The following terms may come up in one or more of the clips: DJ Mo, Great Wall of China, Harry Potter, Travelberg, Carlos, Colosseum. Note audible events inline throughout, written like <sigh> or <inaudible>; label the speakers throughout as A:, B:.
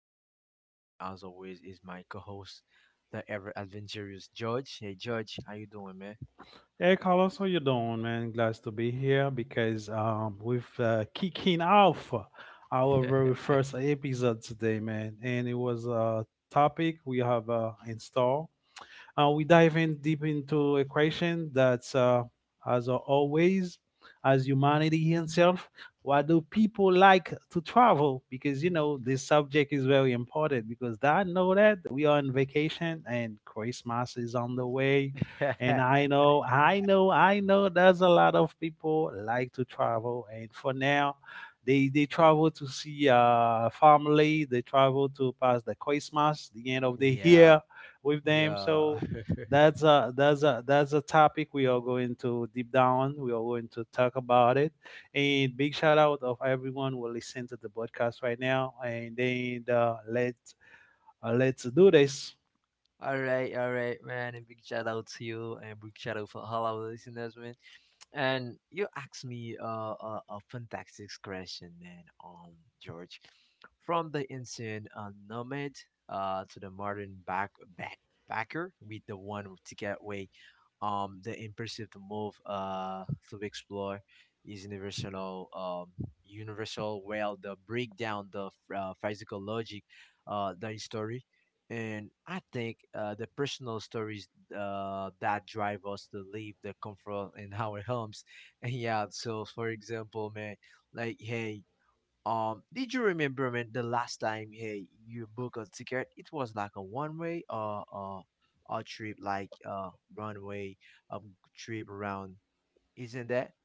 A: Carlos. With me, as always, is my co-host, the ever adventurous George. Hey, George, how you doing, man?
B: Hey Carlos, how you doing, man? Glad to be here because we've kicking off our very first episode today, man. And it was a topic we have in store. We dive in deep into a question that's, as always, as humanity itself. Why do people like to travel? Because you know this subject is very important. Because I know that we are on vacation and Christmas is on the way, and I
A: <laughs>
B: know, I know. There's a lot of people like to travel, and for now, they travel to see family, they travel to pass the christmas, the end of the
A: Yeah,
B: year with them.
A: yeah.
B: So that's a topic we are going to deep down. We are going to talk about it. And big shout out of everyone who listen to the podcast right now. And then let's do this.
A: <laughs> All right, all right, man. A big shout out to you and a big shout out for all our listeners, man. And you asked me a fantastic question, man, George. From the ancient nomad to the modern backpacker, with the one to get away, the impulsive to move, to explore, is universal, universal. Well, the breakdown, the physical logic, the story, and I think the personal stories that drive us to leave the comfort in our homes. <laughs> And yeah, so for example, man, like hey, did you remember man the last time hey you book a ticket? It was like a one way a trip like runway trip around, isn't that?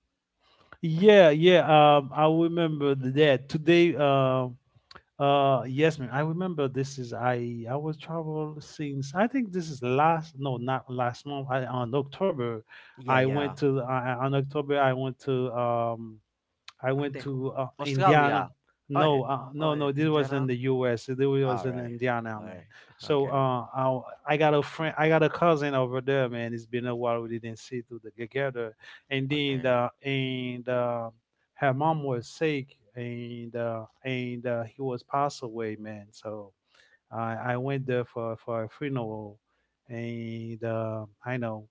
B: Yeah, I remember that today. Yes, man, I remember this. Is I was travel since, I think this is last, no, not last month. On october,
A: Yeah, yeah.
B: I went to
A: I think Australia.
B: Indiana.
A: Oh, eh,
B: No, uh,
A: oh,
B: no,
A: eh,
B: no. This was
A: Indiana.
B: in the U.S. This was
A: All
B: in
A: right,
B: Indiana,
A: all
B: man.
A: right,
B: So
A: okay,
B: I got a friend, I got a cousin over there, man. It's been a while we didn't see to the, together. And then
A: okay,
B: and her mom was sick, and he was passed away, man. So I went there for a funeral, and I know.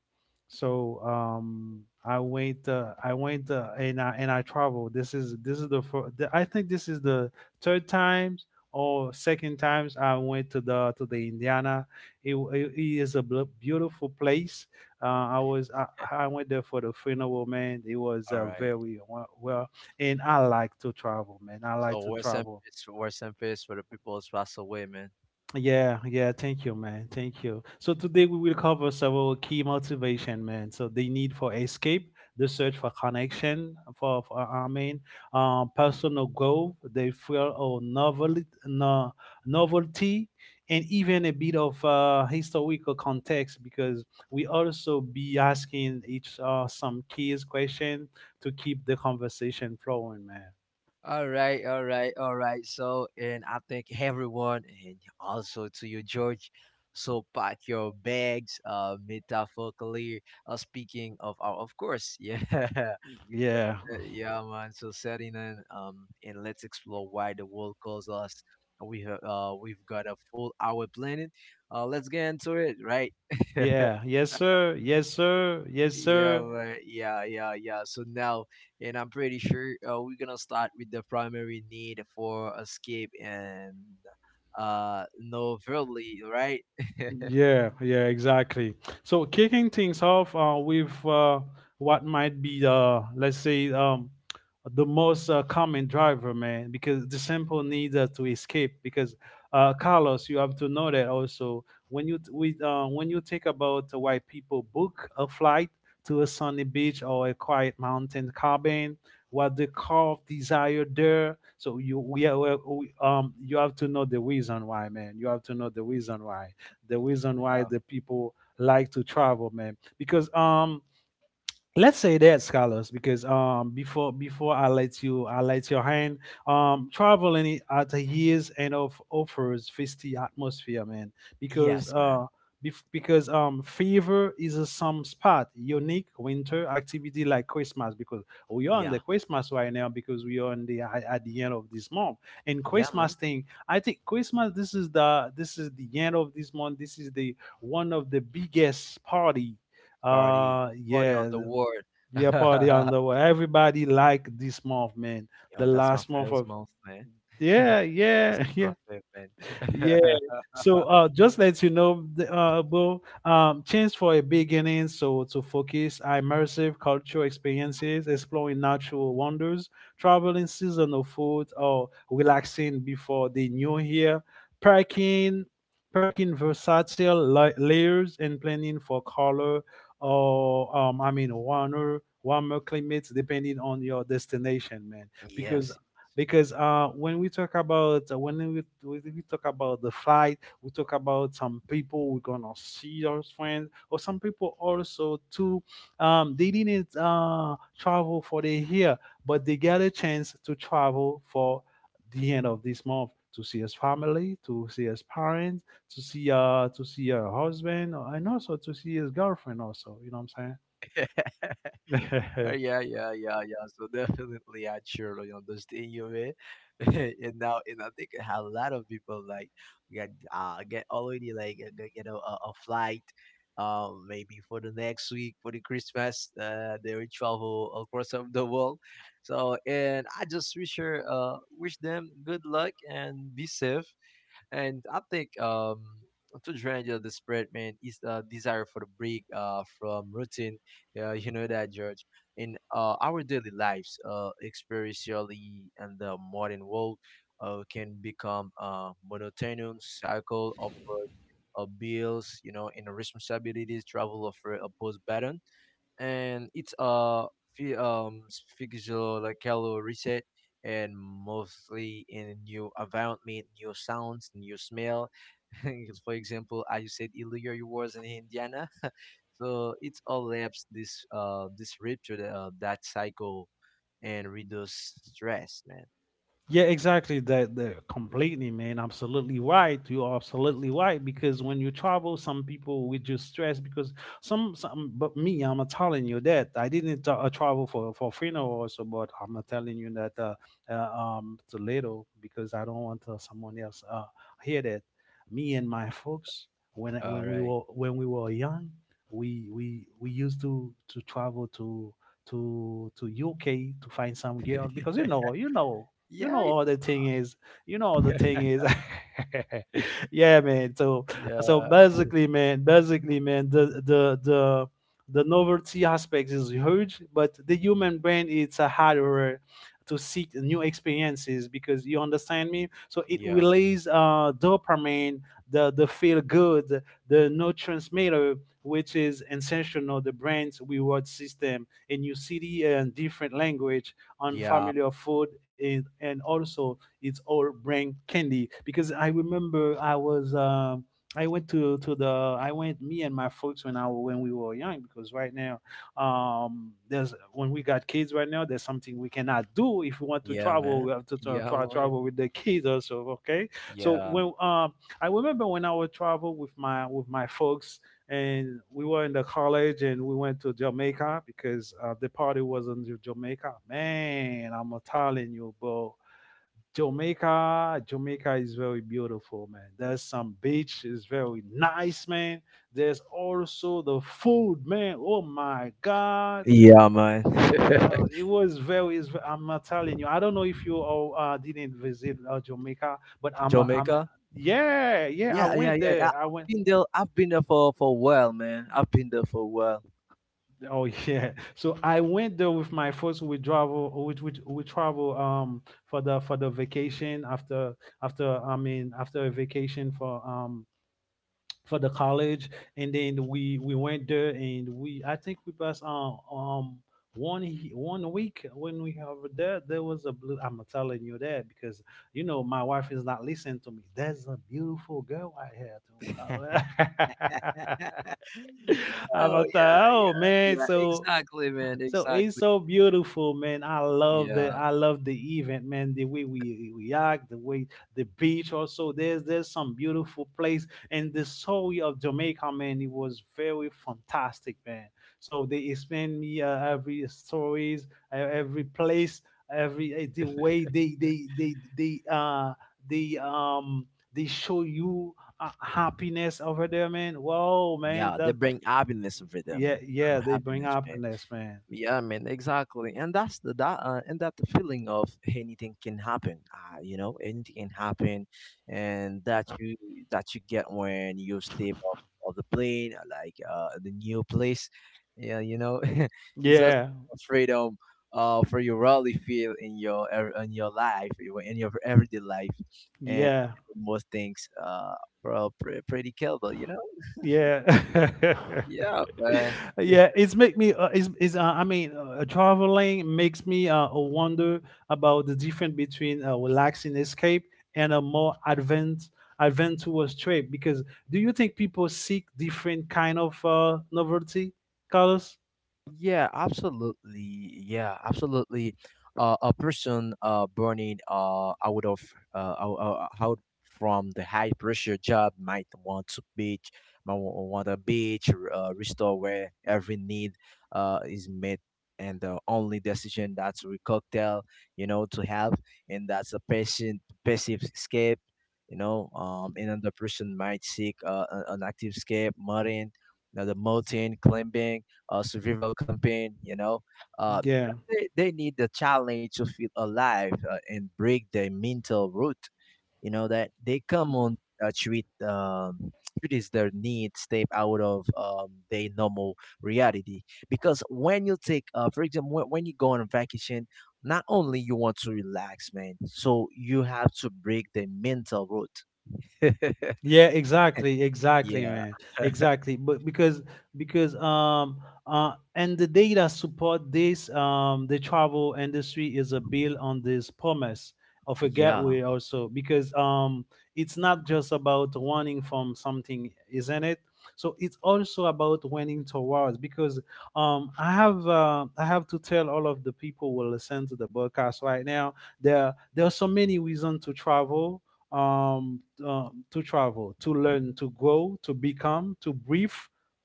B: So I went and I traveled. This is the, fir- the I think this is the third times or second times I went to the, to the Indiana. It is a beautiful place. I
A: <laughs>
B: went there for the funeral, man. It was
A: all right.
B: very well, and I like to travel, man. I like to
A: So
B: travel.
A: rest in peace for the people who passed away, man.
B: Yeah, yeah, thank you, man. Thank you. So today we will cover several key motivation, man. So the need for escape, the search for connection, for personal growth, the fear of novelty, no, novelty, and even a bit of historical context, because we also be asking each some key question to keep the conversation flowing, man.
A: All right, all right, all right. So, and I thank everyone, and also to you, George. So, pack your bags, metaphorically speaking of our, of course, yeah. <laughs>
B: Yeah,
A: So, yeah, man. So, setting in, and let's explore why the world calls us. We have, we've got a full hour planning. Let's get into it, right? <laughs>
B: yeah, yes, sir, yes, sir, yes,
A: Yeah,
B: sir.
A: right. Yeah, yeah, yeah. So now, and I'm pretty sure we're gonna start with the primary need for escape and novelty, right? <laughs>
B: Yeah, yeah, exactly. So kicking things off with what might be, let's say, the most common driver, man, because the simple need to escape. Because Carlos, you have to know that also when when you think about why people book a flight to a sunny beach or a quiet mountain cabin, what the core of desire there. So you we, are- we you have to know the reason why, man. You have to know the reason why,
A: Yeah.
B: the people like to travel, man. Because let's say that scholars, because before before I let you, I let your hand travel any other years, and of offers festive atmosphere, man, because
A: Yes, man.
B: fever is a some spot unique winter activity like christmas, because we are on the
A: Yeah,
B: christmas right now, because we are on the at the end of this month. And
A: yeah,
B: christmas
A: man.
B: thing, I think christmas, this is the, this is the end of this month, this is the one of the biggest party.
A: Party, party on
B: Yeah,
A: the world.
B: be a party
A: <laughs>
B: on the way. Everybody like this month, man. The
A: Yo, that's my
B: last month
A: first
B: of,
A: month, man. <laughs>
B: yeah,
A: This
B: yeah,
A: is
B: <laughs>
A: my
B: yeah,
A: favorite,
B: yeah.
A: man. <laughs>
B: So just let you know, Bo, Change for a Beginning, so to focus on immersive cultural experiences, exploring natural wonders, traveling seasonal food, or relaxing before the new year, packing, packing versatile layers, and planning for color or, warmer, warmer climates, depending on your destination, man. Because
A: Yes.
B: because when we talk about, when we talk about the flying, we talk about some people we're gonna see as friends, or some people also too, they didn't travel for the year, but they get a chance to travel for the end of this month to see his family, to see his parents, to see her husband, and also to see his girlfriend also, you know what I'm
A: <laughs> Yeah,
B: saying. <laughs>
A: yeah, yeah, yeah. So <laughs> definitely, I surely understand you, man. <laughs> And now, and I think a lot of people like get already like get, you know a flight, maybe for the next week for the Christmas. They will travel across of the world. So, and I just wish her wish them good luck and be safe and I think to drain the disappointment is the desire for the break from routine. Yeah, you know that, George. In our daily lives, especially in the modern world, can become a monotonous cycle of work, bills, you know, and responsibilities, travel of a post pattern and it's a fi- um physical like color reset and mostly in a new environment, new sounds, new smell. <laughs> For example, as you said earlier, you was in Indiana, <laughs> so it all helps this rupture the that cycle and reduce stress, man.
B: Yeah, exactly. That that completely, man. Absolutely right. You are absolutely right, because when you travel, some people with just stress, because some some. But me, I'm not telling you that I didn't travel for funeral also, but I'm not telling you that too little, because I don't want someone else hear that. Me and my folks when
A: All right.
B: when we were young, we used to travel to to UK to find some girl, because
A: <laughs>
B: you know
A: Yeah.
B: all the thing is, you know all the
A: Yeah,
B: thing
A: <laughs>
B: is <laughs> yeah, man. So,
A: yeah,
B: basically, man, the novelty aspect is huge, but the human brain, it's a harder to seek new experiences, because you understand me. So it
A: yeah,
B: releases dopamine, the feel good, the neurotransmitter, which is essential the brain's reward system. And you see city and different language on
A: yeah,
B: family of food, and also it's all bring candy, because I remember I was I went to the I went me and my folks, when I when we were young, because right now, there's, when we got kids right now, there's something we cannot do. If we want to
A: yeah,
B: travel,
A: man.
B: we have to
A: Yeah, man.
B: travel with the kids also, okay? So
A: Yeah,
B: when I remember when I would travel with my folks, and we were in the college, and we went to Jamaica, because the party was in Jamaica. Man, I'm telling you, bro. Jamaica is very beautiful, man. There's some beach is very nice, man. There's also the food, man. Oh my God,
A: yeah, man. <laughs>
B: it was very. It's, I'm not telling you. I don't know if you all didn't visit Jamaica, but I'm.
A: Jamaica.
B: Yeah, yeah. I
A: Yeah, yeah,
B: went
A: yeah, yeah.
B: there. I
A: I've
B: went.
A: been there. I've been there for a while, man. I've been there for a while.
B: Oh yeah. <laughs> So I went there with my first, we travel for the, for the vacation after, after, after a vacation for the college. And then we went there, and we, I think we passed one week. When we were there, there was a blue, I'm telling you that, because you know my wife is not listening to me. There's a beautiful girl I had
A: <laughs>
B: too. <laughs> I'm
A: Oh
B: like,
A: yeah,
B: oh man.
A: yeah, yeah.
B: So,
A: Exactly, man.
B: so it's
A: Exactly.
B: so beautiful, man. I love the,
A: Yeah,
B: event, man. The way we act, the way the beach also. There's some beautiful place, and the story of Jamaica, man. It was very fantastic, man. So they explained me every stories, every place, every the
A: <laughs>
B: way they um they show you happiness over there, man. Whoa, man.
A: yeah.
B: That,
A: They bring happiness over them.
B: yeah,
A: And
B: they bring
A: happiness, man.
B: happiness, man.
A: Yeah, man, exactly, and that's the that and that feeling of anything can happen. You know, anything can happen, and that you get when you step off of the plane, like the new place. Yeah, you know, <laughs> it's just
B: Yeah,
A: freedom for you really feel in your in your life in your everyday life, and
B: yeah,
A: most things pretty killable. You know,
B: yeah,
A: yeah,
B: <laughs>
A: man.
B: yeah. It's make me. It's traveling makes me wonder about the difference between a relaxing escape and a more adventurous trip. Because do you think people seek different kind of novelty, Carlos?
A: Yeah, absolutely. Yeah, absolutely. A person burning out of out from the high pressure job might want to beach, might want a beach, restore where every need is made and the only decision that's we cocktail you know to help and that's a patient passive escape you know another person might seek an active escape mountain now the mountain climbing, survival camping, you know,
B: Yeah.
A: because they need the challenge to feel alive, and break their mental root, you know that they come on uh, treat um treat is their need step out of their normal reality because when you take for example when you go on vacation not only you want to relax man so you have to break the mental route. <laughs>
B: Yeah, exactly, exactly,
A: Yeah,
B: man, exactly. But because and the data support this, the travel industry is a build on this promise of a
A: yeah,
B: gateway also, because it's not just about running from something, isn't it? So it's also about running towards, because I have to tell all of the people who will listen to the broadcast right now, there are so many reasons to travel, to travel, to learn, to grow, to become, to breathe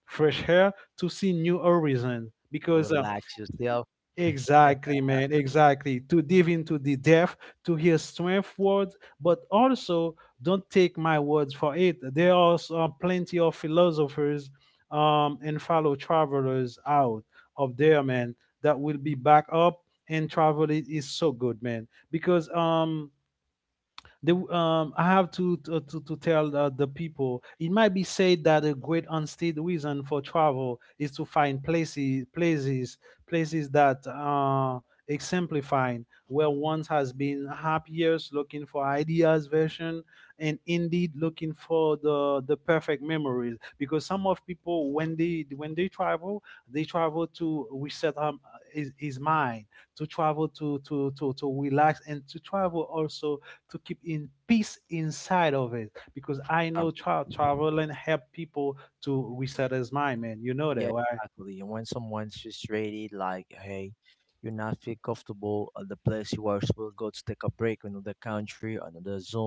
B: fresh air, to see new horizon.
A: you
B: Because
A: relax yourself
B: exactly, man, exactly, to dive into the depth, to hear strength words. But also, don't take my words for it. There are plenty of philosophers, and fellow travelers out of there, man, that will be back up. And travel is so good, man, because they, I have to tell the people. It might be said that a great unstated reason for travel is to find places places places that exemplifying where one has been happiest looking for ideas version, and indeed looking for the perfect memories, because some of people when they travel, they travel to reset his mind, to travel to relax, and to travel also to keep in peace inside of it, because I
A: um,
B: know traveling help people to reset his mind, man. You know that,
A: yeah,
B: right?
A: exactly, and when someone's frustrated like hey you're not feel comfortable at the place you are supposed to go to take a break another country another zone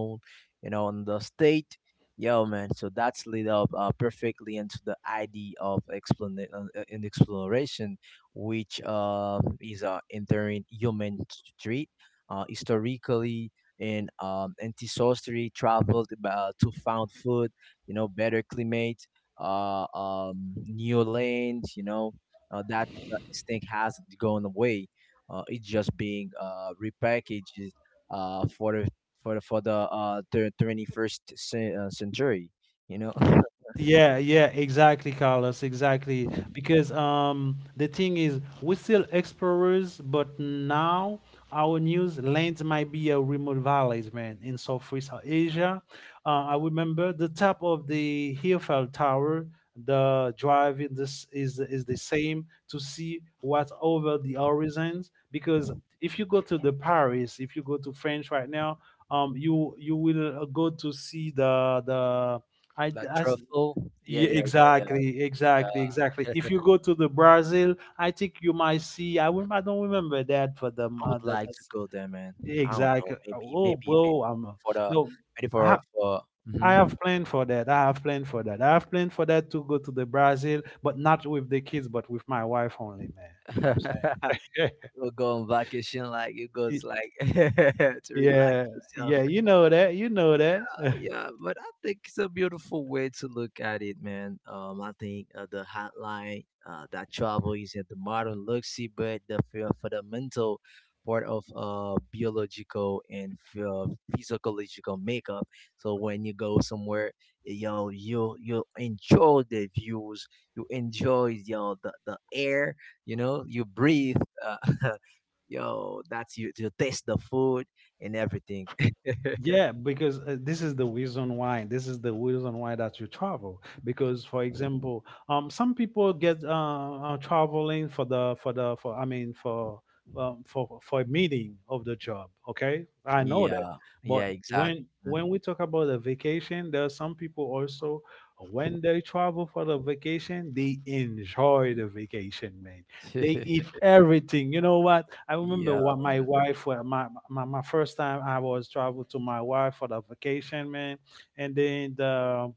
A: you know, on the state. Yo, man. So that's lead up perfectly into the idea of explana- in exploration, which is entering human street. Historically, in ancestry traveled to found food, you know, better climate, new lands, you know, that instinct hasn't gone away. It's just being repackaged uh, for for the 21st century. You know,
B: Ye- Yeah,
A: <laughs>
B: yeah, exactly, Carlos, exactly. Because the thing is, we're still explorers, but now our news lands might be a remote valleys, man, in Southeast Asia. I remember the top of the Hillfell Tower, the drive in this is the same, to see what's over the horizons. Because if you go to the Paris, if you go to France right now, you will go to see the
A: like
B: I
A: truffle. Yeah,
B: yeah,
A: yeah, yeah, yeah,
B: exactly, exactly, exactly.
A: yeah.
B: If you
A: <laughs>
B: go to the Brazil, I think you might see. I will, I don't remember that for them.
A: I would like to go there, man. I don't
B: Exactly.
A: know. Maybe,
B: Oh,
A: maybe, maybe
B: bro, I'm
A: for the
B: no.
A: maybe
B: I ha-
A: for.
B: I
A: Hmm
B: have planned for that. I have planned for that. I have planned for that to go to the Brazil, but not with the kids, but with my wife only, man. You know what
A: <laughs>
B: I'm saying?
A: we'll go on vacation like it goes like <laughs>
B: <laughs>
A: to relax
B: Yeah,
A: yourself,
B: yeah. You know that. You know that.
A: yeah, but I think it's a beautiful way to look at it, man. I think the hotline that travel is at the modern luxury, but the fundamental part of biological and uh, physiological makeup. So when you go somewhere, yo, you enjoy the views, you enjoy yo the air, you know, you breathe, uh, <laughs> yo, that's you taste the food and everything. <laughs>
B: Yeah, because this is the reason why. This is the reason why that you travel. Because, for example, some people get traveling for the for I mean, for for a meeting of the job. Okay, I know that.
A: Yeah. Yeah,
B: But
A: exactly.
B: when we talk about a vacation, there are some people also, when they travel for the vacation, they enjoy the vacation, man. They eat
A: <laughs>
B: everything. You know what? I remember
A: Yeah.
B: what my wife, my first time I was traveled to my wife for the vacation, man, and then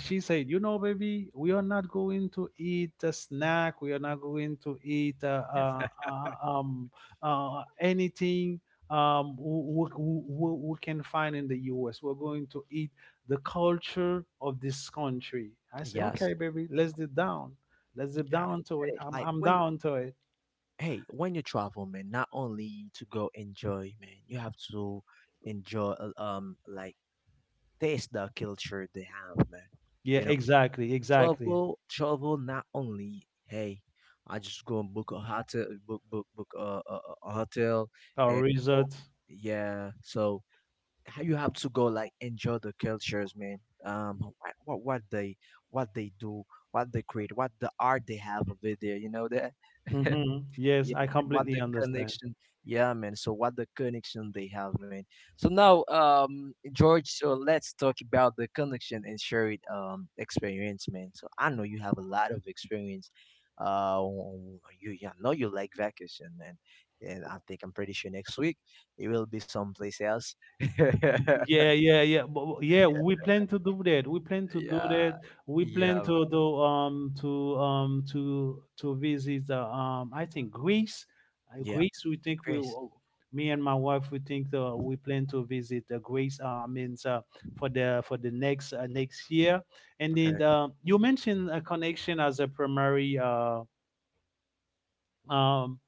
B: she said, you know, baby, we are not going to eat a snack. We are not going to eat um, anything we can find in the U.S. We're going to eat the culture of this country. I say,
A: Yes.
B: okay, baby, let's dip down. Let's
A: Yeah.
B: dip down
A: You
B: to it.
A: get it. Like
B: I'm
A: when
B: down to it.
A: hey, when you travel, man, not only to go enjoy, man, you have to enjoy like taste the culture they have, man.
B: Yeah,
A: You know,
B: exactly, exactly.
A: travel not only hey, I just go and book a hotel book a hotel
B: Our
A: and so,
B: results.
A: yeah. So you have to go like enjoy the cultures man um what, what they what they do, what they create, what the art they have of it there, you know that. <laughs>
B: Hmm. Yes,
A: Yeah,
B: I
A: and what
B: completely
A: the
B: understand.
A: connection? Yeah, man. So what the connection they have, man. So now, George. So let's talk about the connection and shared experience, man. So I know you have a lot of experience. Uh, you I know you like vacation, man. And I think I'm pretty sure next week it will be someplace else. <laughs>
B: Yeah, yeah, yeah. Yeah, we plan to do that. We plan to do
A: Yeah,
B: that. We plan
A: yeah,
B: to do to visit I think Greece.
A: yeah.
B: Greece. We think we
A: Chris.
B: will. Me and my wife, we think we plan to visit Greece. Means for the next next year. And
A: Okay.
B: then you mentioned a connection as a primary. Um,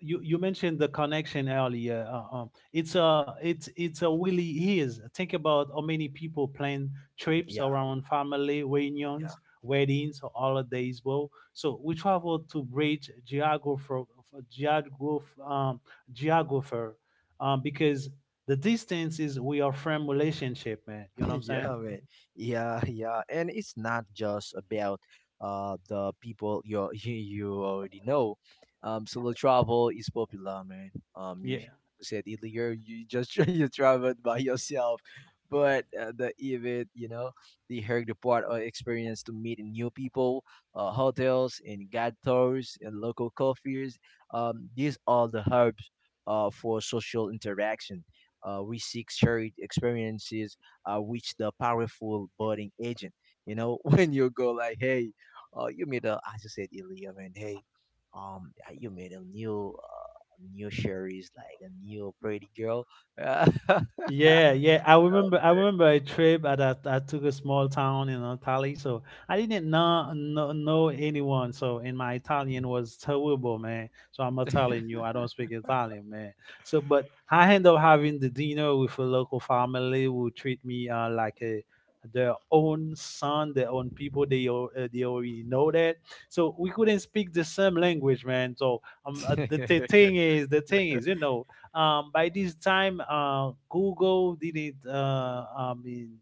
B: you you mentioned the connection earlier. It's a really is. Think about how many people plan trips
A: Yeah,
B: around family reunions, weddings, or holidays. Well, so we travel to bridge geographer geograph um, geographer, because the distance is we are friend relationship, man. You
A: <laughs>
B: know what I'm
A: yeah,
B: saying?
A: man. Yeah, yeah. And it's not just about the people you <laughs> you already know. Solo travel is popular, man. You
B: Yeah.
A: <laughs> said earlier you just <laughs> you traveled by yourself, but the event, you know, the Harry Potter experience to meet new people, hotels and gators and local coffees. These are the hubs for social interaction. We seek shared experiences which the powerful boarding agent. You know, <laughs> when you go like, hey, you made a, as you said earlier, man, hey, you made a new, new sherry's like a new pretty girl. <laughs>
B: Yeah, yeah. I remember. I remember a trip that I took a small town in Italy. So I didn't know, know anyone. So and my Italian was terrible, man. So I'm not telling you, I don't speak Italian, man. So but I end up having the dinner with a local family who treat me like a their own son, their own people. They already know that. So we couldn't speak the same language, man. So um, uh,
A: Uh,
B: the, the
A: <laughs>
B: thing is, the thing is, you know, by this time, Google didn't, I mean,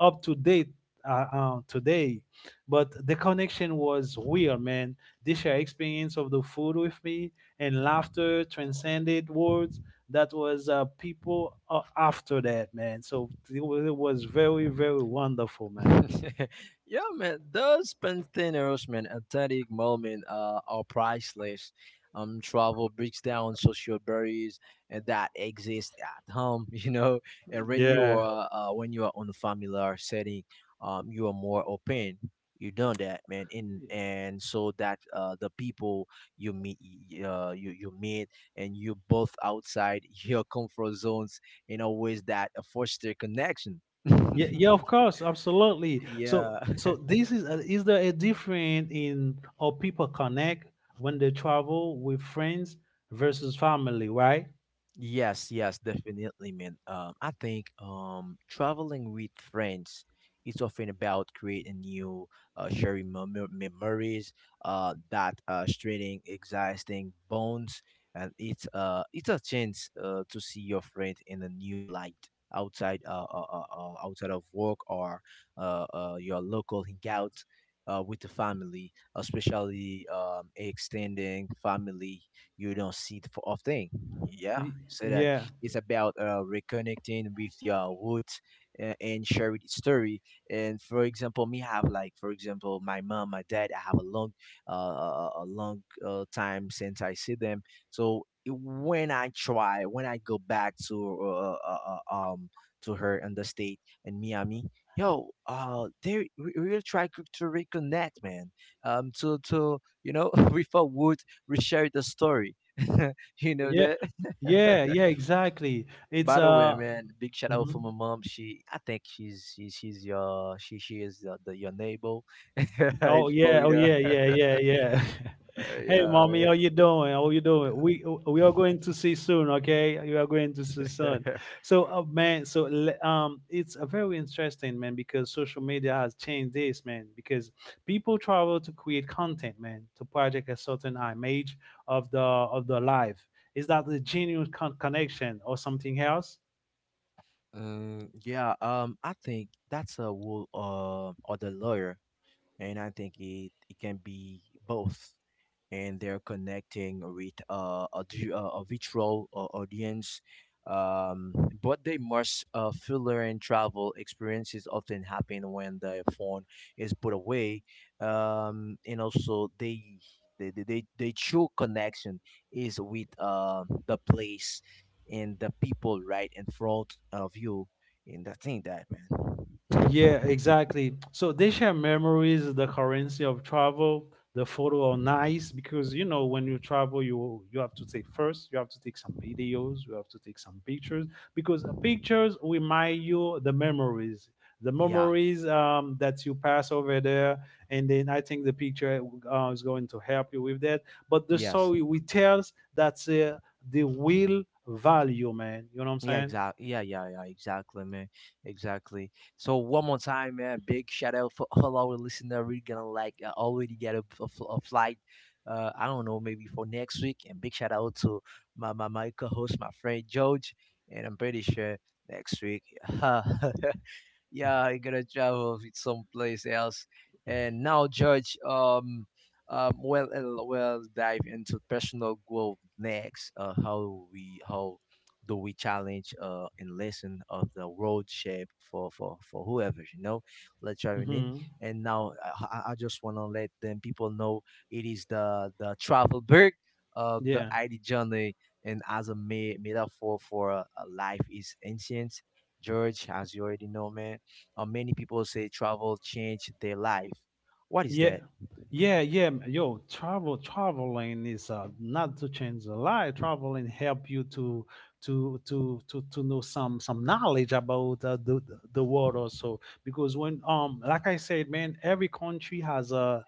B: up to date today, but the connection was weird, man. They shared experience of the food with me, and laughter transcended words. That was people after that, man. So it was very, very wonderful, man.
A: <laughs> yeah, man, those spontaneous, man, authentic moment are priceless. Travel breaks down social barriers and that exist at home, <laughs> you know. And
B: Yeah.
A: when you are on a familiar setting, you are more open. You done that, man, and so that the people you meet, you meet, and you both outside <laughs> your comfort zones in a ways that foster connection. <laughs>
B: Yeah, yeah, of course, absolutely. So,
A: Yeah.
B: so this is there a difference in how people connect when they travel with friends versus family, right?
A: Yes, yes, definitely, man. I think traveling with friends is often about creating new, sharing memories, that strengthening existing bonds, and it's a chance to see your friend in a new light outside outside of work or your local hangout with the family, especially extending family you don't see the of thing. Yeah,
B: Y-
A: so that
B: Yeah,
A: it's about reconnecting with your roots and share it story. And for example, me have like for example my mom, my dad. I have a long, a long time since I see them. So it- when I go back uh, um to her in the state in Miami, yo, they will try to reconnect, man. To you know, <laughs> with our wood reshare the story. <laughs> You know
B: yeah,
A: that.
B: yeah,
A: <laughs>
B: yeah, exactly. It's
A: By the way, man, big shout out for
B: mhm.
A: my mom. She, I think she is your neighbor <laughs> in
B: Oh yeah, oh
A: Florida.
B: yeah, yeah, yeah, yeah. <laughs>
A: Uh,
B: Hey,
A: yeah,
B: mommy, how
A: right.
B: you doing? How you doing? We are going to see soon, okay? You are going to see soon. So, man, so it's a very interesting, man, because social media has changed this, man. Because people travel to create content, man, to project a certain image of the life. Is that the genuine connection, or something else?
A: <laughs> Yeah. I think that's a rule of the lawyer, and I think it can be both. And they're connecting with a virtual audience. Um, but they must filler and travel experiences often happen when the phone is put away. And also they true connection is with the place and the people right in front of you. And I think that man.
B: Yeah,
A: <laughs>
B: exactly. So they share memories, the currency of travel, the photo are nice, because you know when you travel, you have to take first, you have to take some videos, you have to take some pictures, because pictures remind you the
A: Yeah.
B: memories that you pass over there, and then I think the picture is going to help you with that. But the
A: Yes.
B: story we tells, that's the real value, man. You know what I'm
A: Yeah,
B: saying?
A: exactly. Yeah, yeah, yeah, exactly, man. Exactly. So one more time, man. Big shout out for all our listeners. We're gonna like already get a flight. I don't know, maybe for next week. And big shout out to my co-host, my friend George. And I'm pretty sure next week. <laughs> Yeah, I gotta travel with someplace else. And now, George, we'll dive into personal growth next. How do we challenge and lesson of the road shape for for whoever you know, let's try in.
B: Hmm.
A: And now I just wanna let them people know it is the travel bird of the
B: Yeah.
A: ID journey and as a metaphor for a life is ancient. George, as you already know, man many people say travel changed their life. What is
B: Yeah,
A: that?
B: yeah, yeah. Yo, traveling is not to change the life. Traveling help you to know some knowledge about the world also, because when like I said, man, every country has a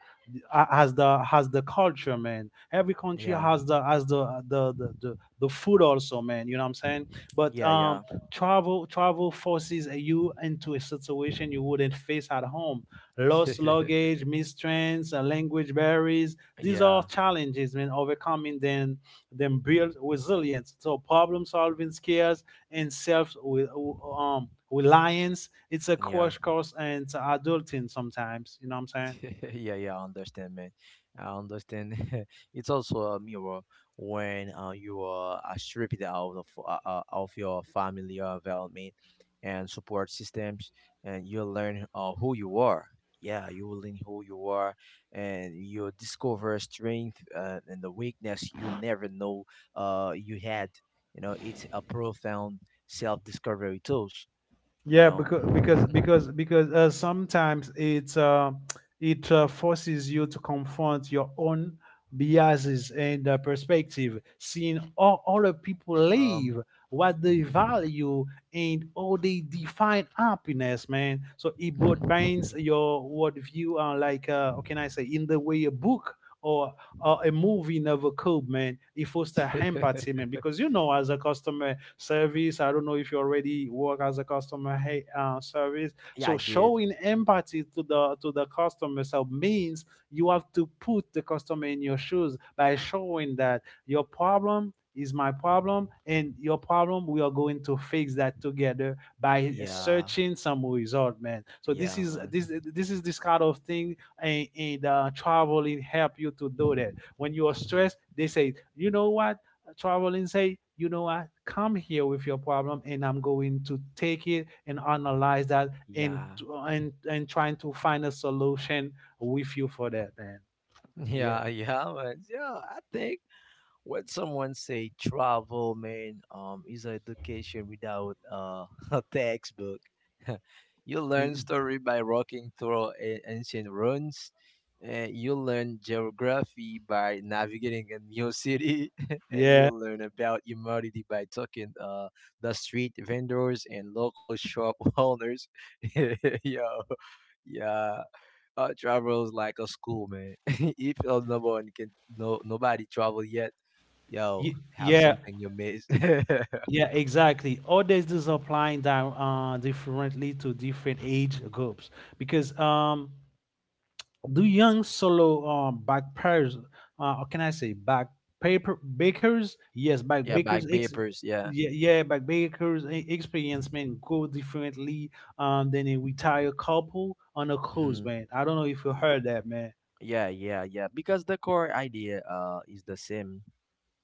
B: has the culture, man. Every country
A: Yeah,
B: has the the food also, man. You know what I'm saying? But
A: yeah,
B: um.
A: yeah,
B: Travel forces you into a situation you wouldn't face at home: lost
A: <laughs>
B: luggage, mistrends, language barriers. These are
A: yeah,
B: challenges, when overcoming them build resilience. So problem solving skills and self with reliance. It's a
A: yeah.
B: crash course and adulting sometimes. You know what I'm saying?
A: <laughs> Yeah, yeah, I understand, man. I understand. <laughs> It's also a mirror when you are stripped out of of your family environment and support systems, and you learn who you are. Yeah, you will learn who you are, and you discover strength and the weakness you never know you had. You know, it's a profound self-discovery tools. You
B: Yeah,
A: know. <laughs>
B: because sometimes it it forces you to confront your own
A: Yeah.
B: biases and
A: Yeah, man.
B: perspective,
A: So now,
B: seeing all
A: I
B: other
A: think,
B: people live, what they
A: mhm.
B: value, and how they define happiness, man. So it both binds your worldview, like how can I say, in the way a book or a movie never could, man. It foster empathy, man, because
A: <laughs>
B: you know, as a customer service, I don't know if you already work as a customer hey, service.
A: Yeah, I
B: So
A: did.
B: showing empathy to the customer, so means you have to put the customer in your shoes by showing that your problem is my problem, and your problem we are going to fix that together by
A: Yeah,
B: searching some result, man. So
A: yeah, man.
B: this is this kind of thing. And traveling help you to do that. When you are
A: <laughs> Mhm.
B: stressed, they say, you know what, traveling say, you know what, come here with your problem and I'm going to take it and analyze that, and
A: Yeah,
B: and trying to find a solution with you for that, man. yeah
A: yeah, yeah, man. Yeah, I think. When someone say travel man is education without <laughs> a textbook. <laughs> You learn
B: Y-
A: story by walking through ancient ruins. You learn geography by navigating a new city. <laughs> And you
B: yeah
A: learn about humanity by talking the street vendors and local shop <laughs> owners. <laughs> Yo, yeah. Travel is like a school, man. <laughs> If you're number one, you can no nobody travel yet. Yo, have
B: Yeah,
A: something you miss. <laughs>
B: yeah, exactly, all this is applying that differently to different age groups, because um, do young solo backpackers, or can I say back paper bakers? Yes, back
A: Yeah,
B: bakers.
A: bag papers. Yeah.
B: Yeah, yeah, back bakers experience, man, go differently, than a retired couple on a cruise,
A: Hmm.
B: man. I don't know if you heard that, man.
A: Yeah, yeah, yeah. Because the core idea is the same.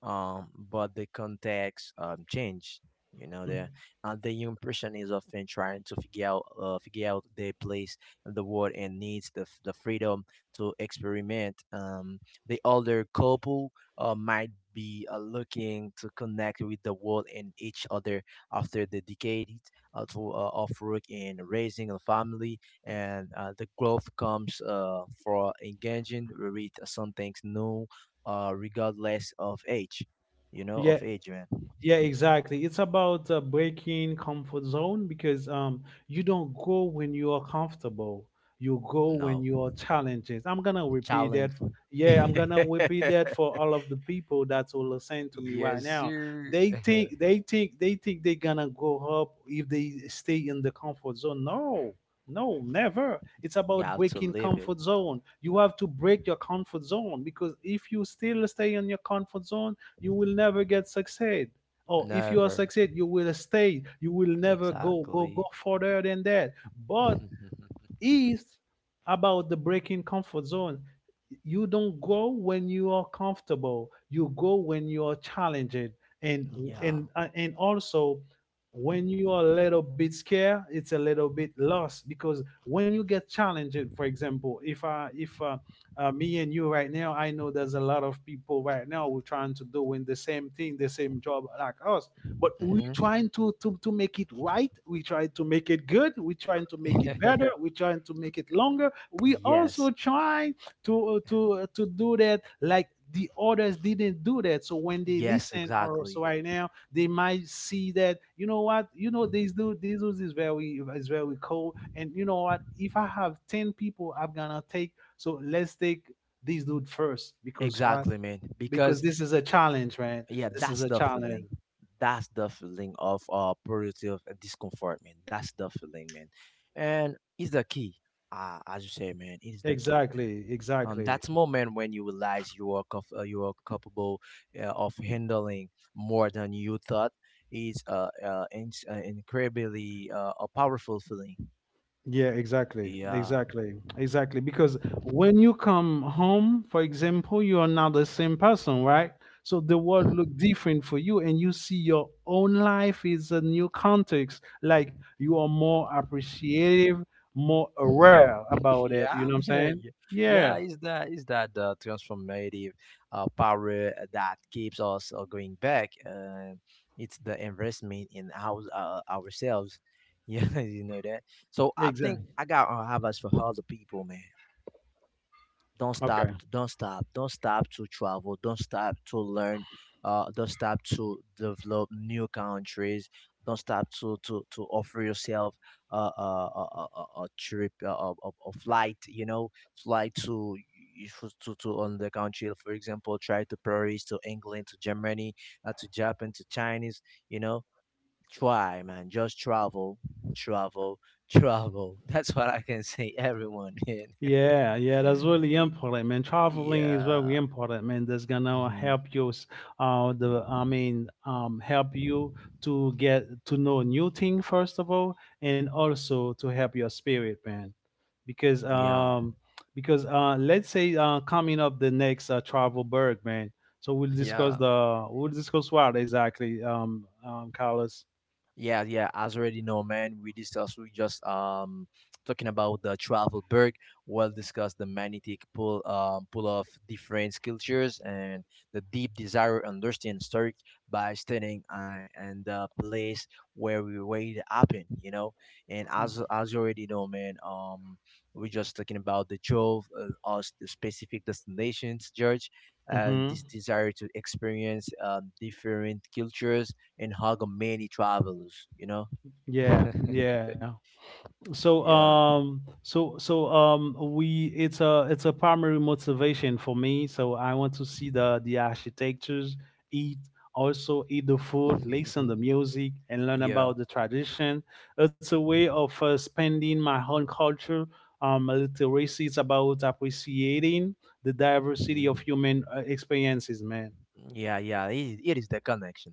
A: But the context changed. You know, the and the young person is often trying to figure out their place in the world and needs the freedom to experiment. The older couple might be looking to connect with the world and each other after the decade of work and raising a family, and the growth comes for engaging with something new regardless of age, you know,
B: Yeah,
A: of age, man.
B: yeah, exactly. It's about breaking comfort zone, because you don't go when you are comfortable. You go when
A: No
B: you are challenged. I'm gonna repeat that.
A: challenge.
B: For, yeah, I'm gonna repeat that
A: <laughs>
B: for all of the people that will listen to me right
A: Yes,
B: now.
A: sir.
B: They
A: <laughs>
B: think they think they think they're gonna go up if they stay in the comfort zone. No, no, never. It's
A: You
B: about
A: have to
B: breaking
A: live it.
B: comfort zone. You have to break your comfort zone, because if you still stay in your comfort zone, you will never get success. Oh, if you are
A: Never.
B: succeed, you will stay. You will never go
A: Exactly.
B: further than that. But
A: <laughs>
B: it's about the breaking comfort zone. You don't go when you are comfortable, you go when you are challenged, and
A: Yeah.
B: and also when you are a little bit scared, it's a little bit lost, because when you get challenged, for example, if I if me and you right now, I know there's a lot of people right now who are trying to doing the same thing, the same job like us, but we
A: Hmm.
B: trying to make it right, we try to make it good, we trying to make it better,
A: <laughs>
B: we trying to make it longer. We also
A: Yes.
B: try to to do that like the others didn't do that. So when they
A: Yes,
B: listen or so
A: exactly.
B: right now, they might see that, you know what, you know, this dude, is very cool. And you know what, if I have 10 people, I'm gonna take, so let's take this dude first. Because what?
A: Exactly, man.
B: Because
A: Because
B: this is a challenge, right?
A: yeah,
B: This is
A: that's
B: a
A: the
B: challenge,
A: feeling. That's the feeling of productive discomfort, man. That's the feeling, man. And it's the key. As you say, man, it's the key.
B: exactly, exactly.
A: That's moment when you realize you are you are capable of handling more than you thought is incredibly a powerful feeling.
B: Yeah, exactly.
A: Yeah. <laughs>
B: Exactly. Exactly. Because when you come home, for example, you are not the same person, right? So the world look different for you and you see your own life is a new context. Like you are more appreciative, more aware about it.
A: Yeah,
B: You know
A: I'm
B: what I'm
A: here.
B: saying?
A: Y- yeah,
B: Yeah,
A: is that the transformative power that keeps us going back? It's the investment in our ourselves. <laughs> Yeah, you know that. So I think
B: exactly.
A: I got advice for all the people, man. don't stop
B: Okay.
A: don't stop don't stop to travel, don't stop to learn, don't stop to develop new countries, don't stop to to offer yourself a trip, a flight, you know, fly to you should to on the country, for example, try to Paris, to England, to Germany, to Japan, to Chinese, you know, try man, just travel, travel, travel. <laughs> That's what I can say everyone. <laughs>
B: Yeah, yeah, that's really
A: Y-
B: important, man. Traveling is
A: yeah.
B: very important, man. That's gonna
A: Mhm.
B: help you, s- the I mean, Help you to get to know new thing first of all, and also to help your spirit, man. Because
A: Yeah.
B: um, because let's say coming up the next travel berg, man. So
A: <laughs> Yeah.
B: we'll discuss what exactly, Carlos.
A: Yeah, yeah, as already know, man, we just talking about the travel berg. We'll discuss the magnetic pull of different cultures and the deep desire to understand story by studying and the place where we where it happened, you know. And as you already know, man, we're just talking about the Jove, us the specific destinations, George, and this
B: Mm-hmm.
A: desire to experience different cultures and hug a man travels, you know?
B: Yeah,
A: <laughs>
B: yeah. so
A: Yeah.
B: um so so um we it's a primary motivation for me, so I want to see the architectures, eat, also eat the food, listen the
A: <laughs>
B: music, and learn
A: Yeah.
B: about the tradition. It's a way of spending my own culture. Um, literacy is about appreciating the diversity of
A: Hmm.
B: human experiences, man.
A: Yeah, yeah. It is the connection.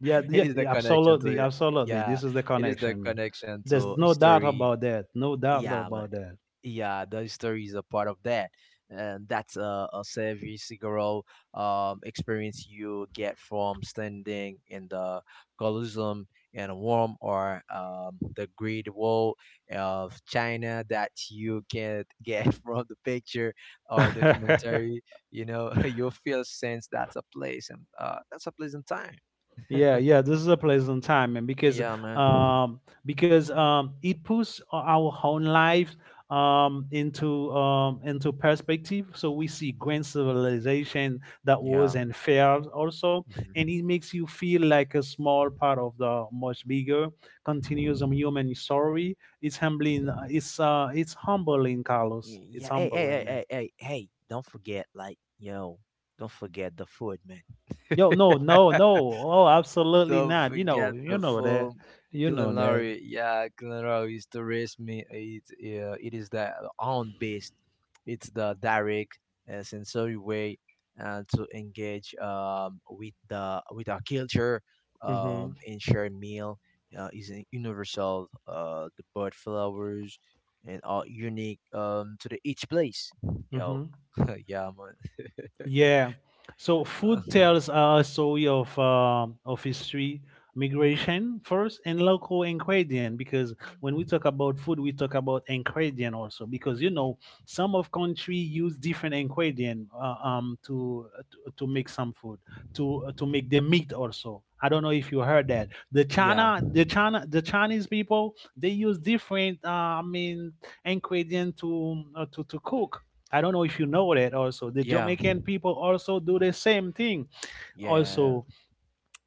A: It is the connection to
B: Absolutely,
A: yeah.
B: this is the
A: It is the
B: connection, man.
A: connection
B: There's
A: to
B: no doubt about
A: history.
B: that, no doubt
A: Yeah,
B: about
A: man.
B: that.
A: Yeah, the story is a part of that, and that's a savvy cigarro experience you get from standing in the Colosseum and warm or the Great Wall of China that you can get <laughs> from the picture or documentary.
B: <laughs>
A: You know, <laughs> you feel sense that's a place and that's a pleasant time.
B: yeah,
A: <laughs>
B: yeah, this is a pleasant time, man.
A: Yeah, man.
B: Um because it puts our own lives into perspective. So we see grand civilization that was
A: Yeah.
B: and failed also,
A: Mhm.
B: and it makes you feel like a small part of the much bigger continuous human story. It's humbling, Carlos,
A: Y-
B: it's
A: yeah, hey, hey,
B: humbling,
A: hey,
B: man.
A: hey, hey, hey, don't forget, like, yo, don't forget the food, man.
B: Yo, no, no, no.
A: <laughs>
B: Oh, absolutely
A: Don't
B: not.
A: forget
B: You
A: the
B: know that.
A: full
B: You know
A: Killing
B: that.
A: Larry. Yeah, Killing Larry is the race me. It, it is the own beast. It's the direct sensory way to engage with the with our culture
B: Mm-hmm.
A: and share meal is a universal. The bird flowers and all unique to the each place. Yo,
B: Mm-hmm.
A: <laughs> yeah, man.
B: Yeah. So
A: Uh,
B: food tells a story of history, migration first, and local ingredient. Because when we talk about food, we talk about ingredient also. Because you know, some of country use different ingredient to, to make some food, to make their meat also. I don't know if you heard that
A: yeah,
B: The Chinese people, they use different I mean ingredient to cook. I don't know if you know that also. The
A: yeah,
B: Jamaican people also do the same thing
A: yeah,
B: also.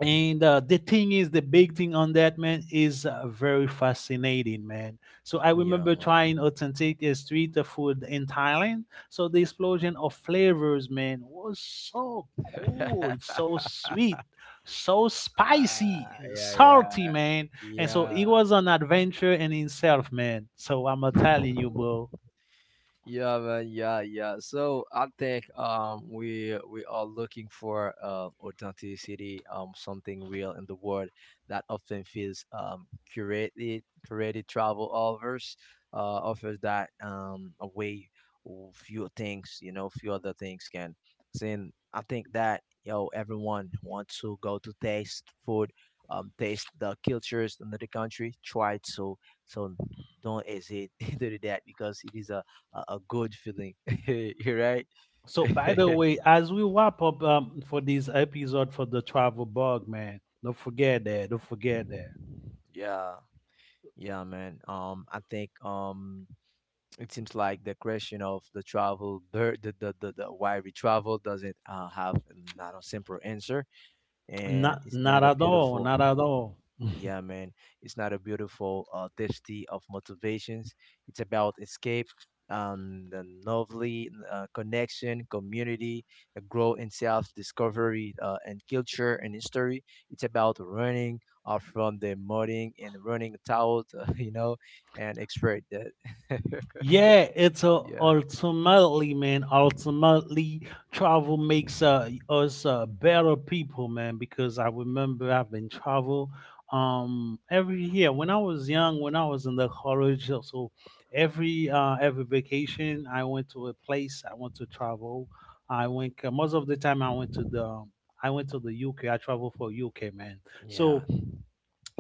B: And The thing is, the big thing on that, man, is very fascinating, man. So I
A: yeah,
B: remember trying authentic street food in Thailand. So the explosion of flavors, man, was so
A: man.
B: good, so
A: <laughs>
B: sweet, so
A: Ah,
B: spicy,
A: iya iya,
B: salty, man. And
A: iya.
B: so it was an adventure in itself, man. So I'm telling you, bro.
A: <laughs> Yeah, man. Yeah, yeah. So I think we are looking for authenticity, something real in the world that often feels curated. Curated travel offers offers that a way few things, you know, few other things can. Saying I think that yo everyone wants to go to taste food, taste the cultures in the country. Try it, so so don't hesitate <laughs> to do that because it is a good feeling. <laughs> You're right.
B: So, by the
A: <laughs>
B: way, as we wrap up, for this episode for the travel bug, man, don't forget that. Don't forget that.
A: Yeah, yeah, man. I think it seems like the question of the travel, the why we travel doesn't have not a simple answer, and
B: Not,
A: it's
B: not
A: not a
B: at all.
A: beautiful
B: Not at all.
A: Yeah, man. It's not a beautiful diversity of motivations. It's about escape, the novelty, connection, community, the growth in self-discovery and culture and history. It's about running from the mudding and running out, <laughs> you know, and expert that. <laughs>
B: Yeah, it's a
A: Yeah.
B: ultimately, man. Ultimately, travel makes us better people, man. Because I remember I've been travel every year when I was young, when I was in the college. So so every vacation, I went to a place. I went to travel. I went most of the time. I went to the UK. I traveled for UK, man.
A: Yeah.
B: So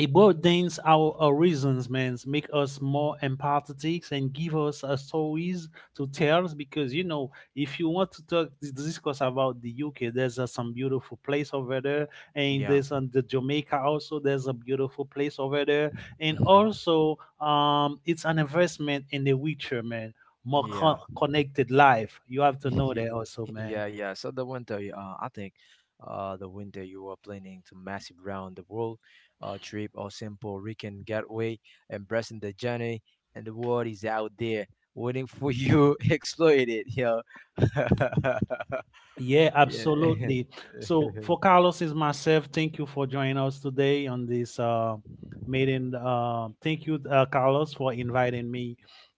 B: it broadens our horizons, man, make us more empathetic and give us a stories to tell. Because you know, if you want to talk to discuss about the UK, there's some beautiful place over there, and
A: Yeah.
B: there's on the Jamaica also. There's a beautiful place over there, and
A: Hmm.
B: also, it's an investment in the future, man.
A: Yeah.
B: Connected life. You have to know
A: Ye-
B: that also,
A: <laughs>
B: man.
A: yeah, yeah. So the winter, I think, the winter you are planning to massive round the world, trip or simple weekend getaway, embracing the journey, and the world is out there waiting for you. <laughs> Exploit it, yo. <laughs>
B: Yeah,
A: Yeah.
B: absolutely. So
A: <laughs>
B: for Carlos is myself, thank you for joining us today on this meeting. Thank you, Carlos, for inviting me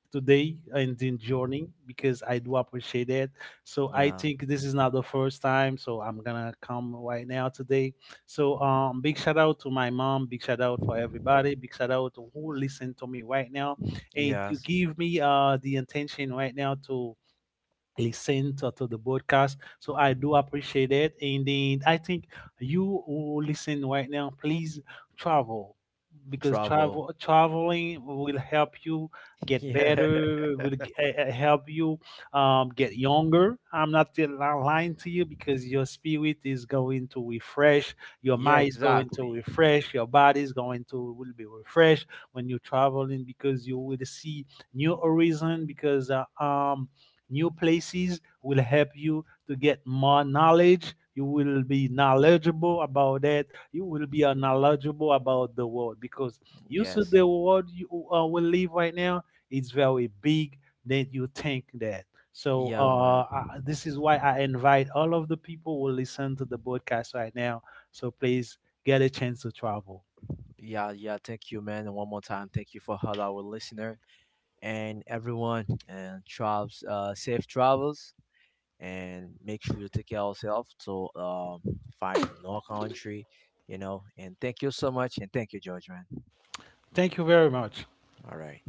B: today in the journey because I do appreciate it. So I
A: Yeah.
B: think this is not the first time, so I'm gonna come right now today. Big shout out to my mom, big shout out for everybody, big shout out to who listen to me right now, and you
A: Yes.
B: give me the intention right now to listen to the broadcast. So I do appreciate it. And then I think you who listen right now, please travel, because
A: Travel.
B: traveling will help you
A: <laughs>
B: get
A: Yeah.
B: better, will help you get younger. I'm not lying to you, because your spirit is going to refresh, your
A: Yeah,
B: mind is going to
A: exactly.
B: refresh, your body is going to will be refreshed when you're traveling, because you will see new horizon. Because New places will help you to get more knowledge. You will be knowledgeable about that. You will be knowledgeable about the world, because you see
A: Yes.
B: the world you we live right now is very big than you think that. So
A: Yeah, man.
B: this is why I invite all of the people who listen to the broadcast right now. So please get a chance to travel.
A: Yeah, yeah. Thank you, man. And one more time, thank you for all our listener and everyone, and travels safe travels and make sure to take care of yourself to find more country, you know, and thank you so much, and thank you George, man.
B: Thank you very much.
A: All right.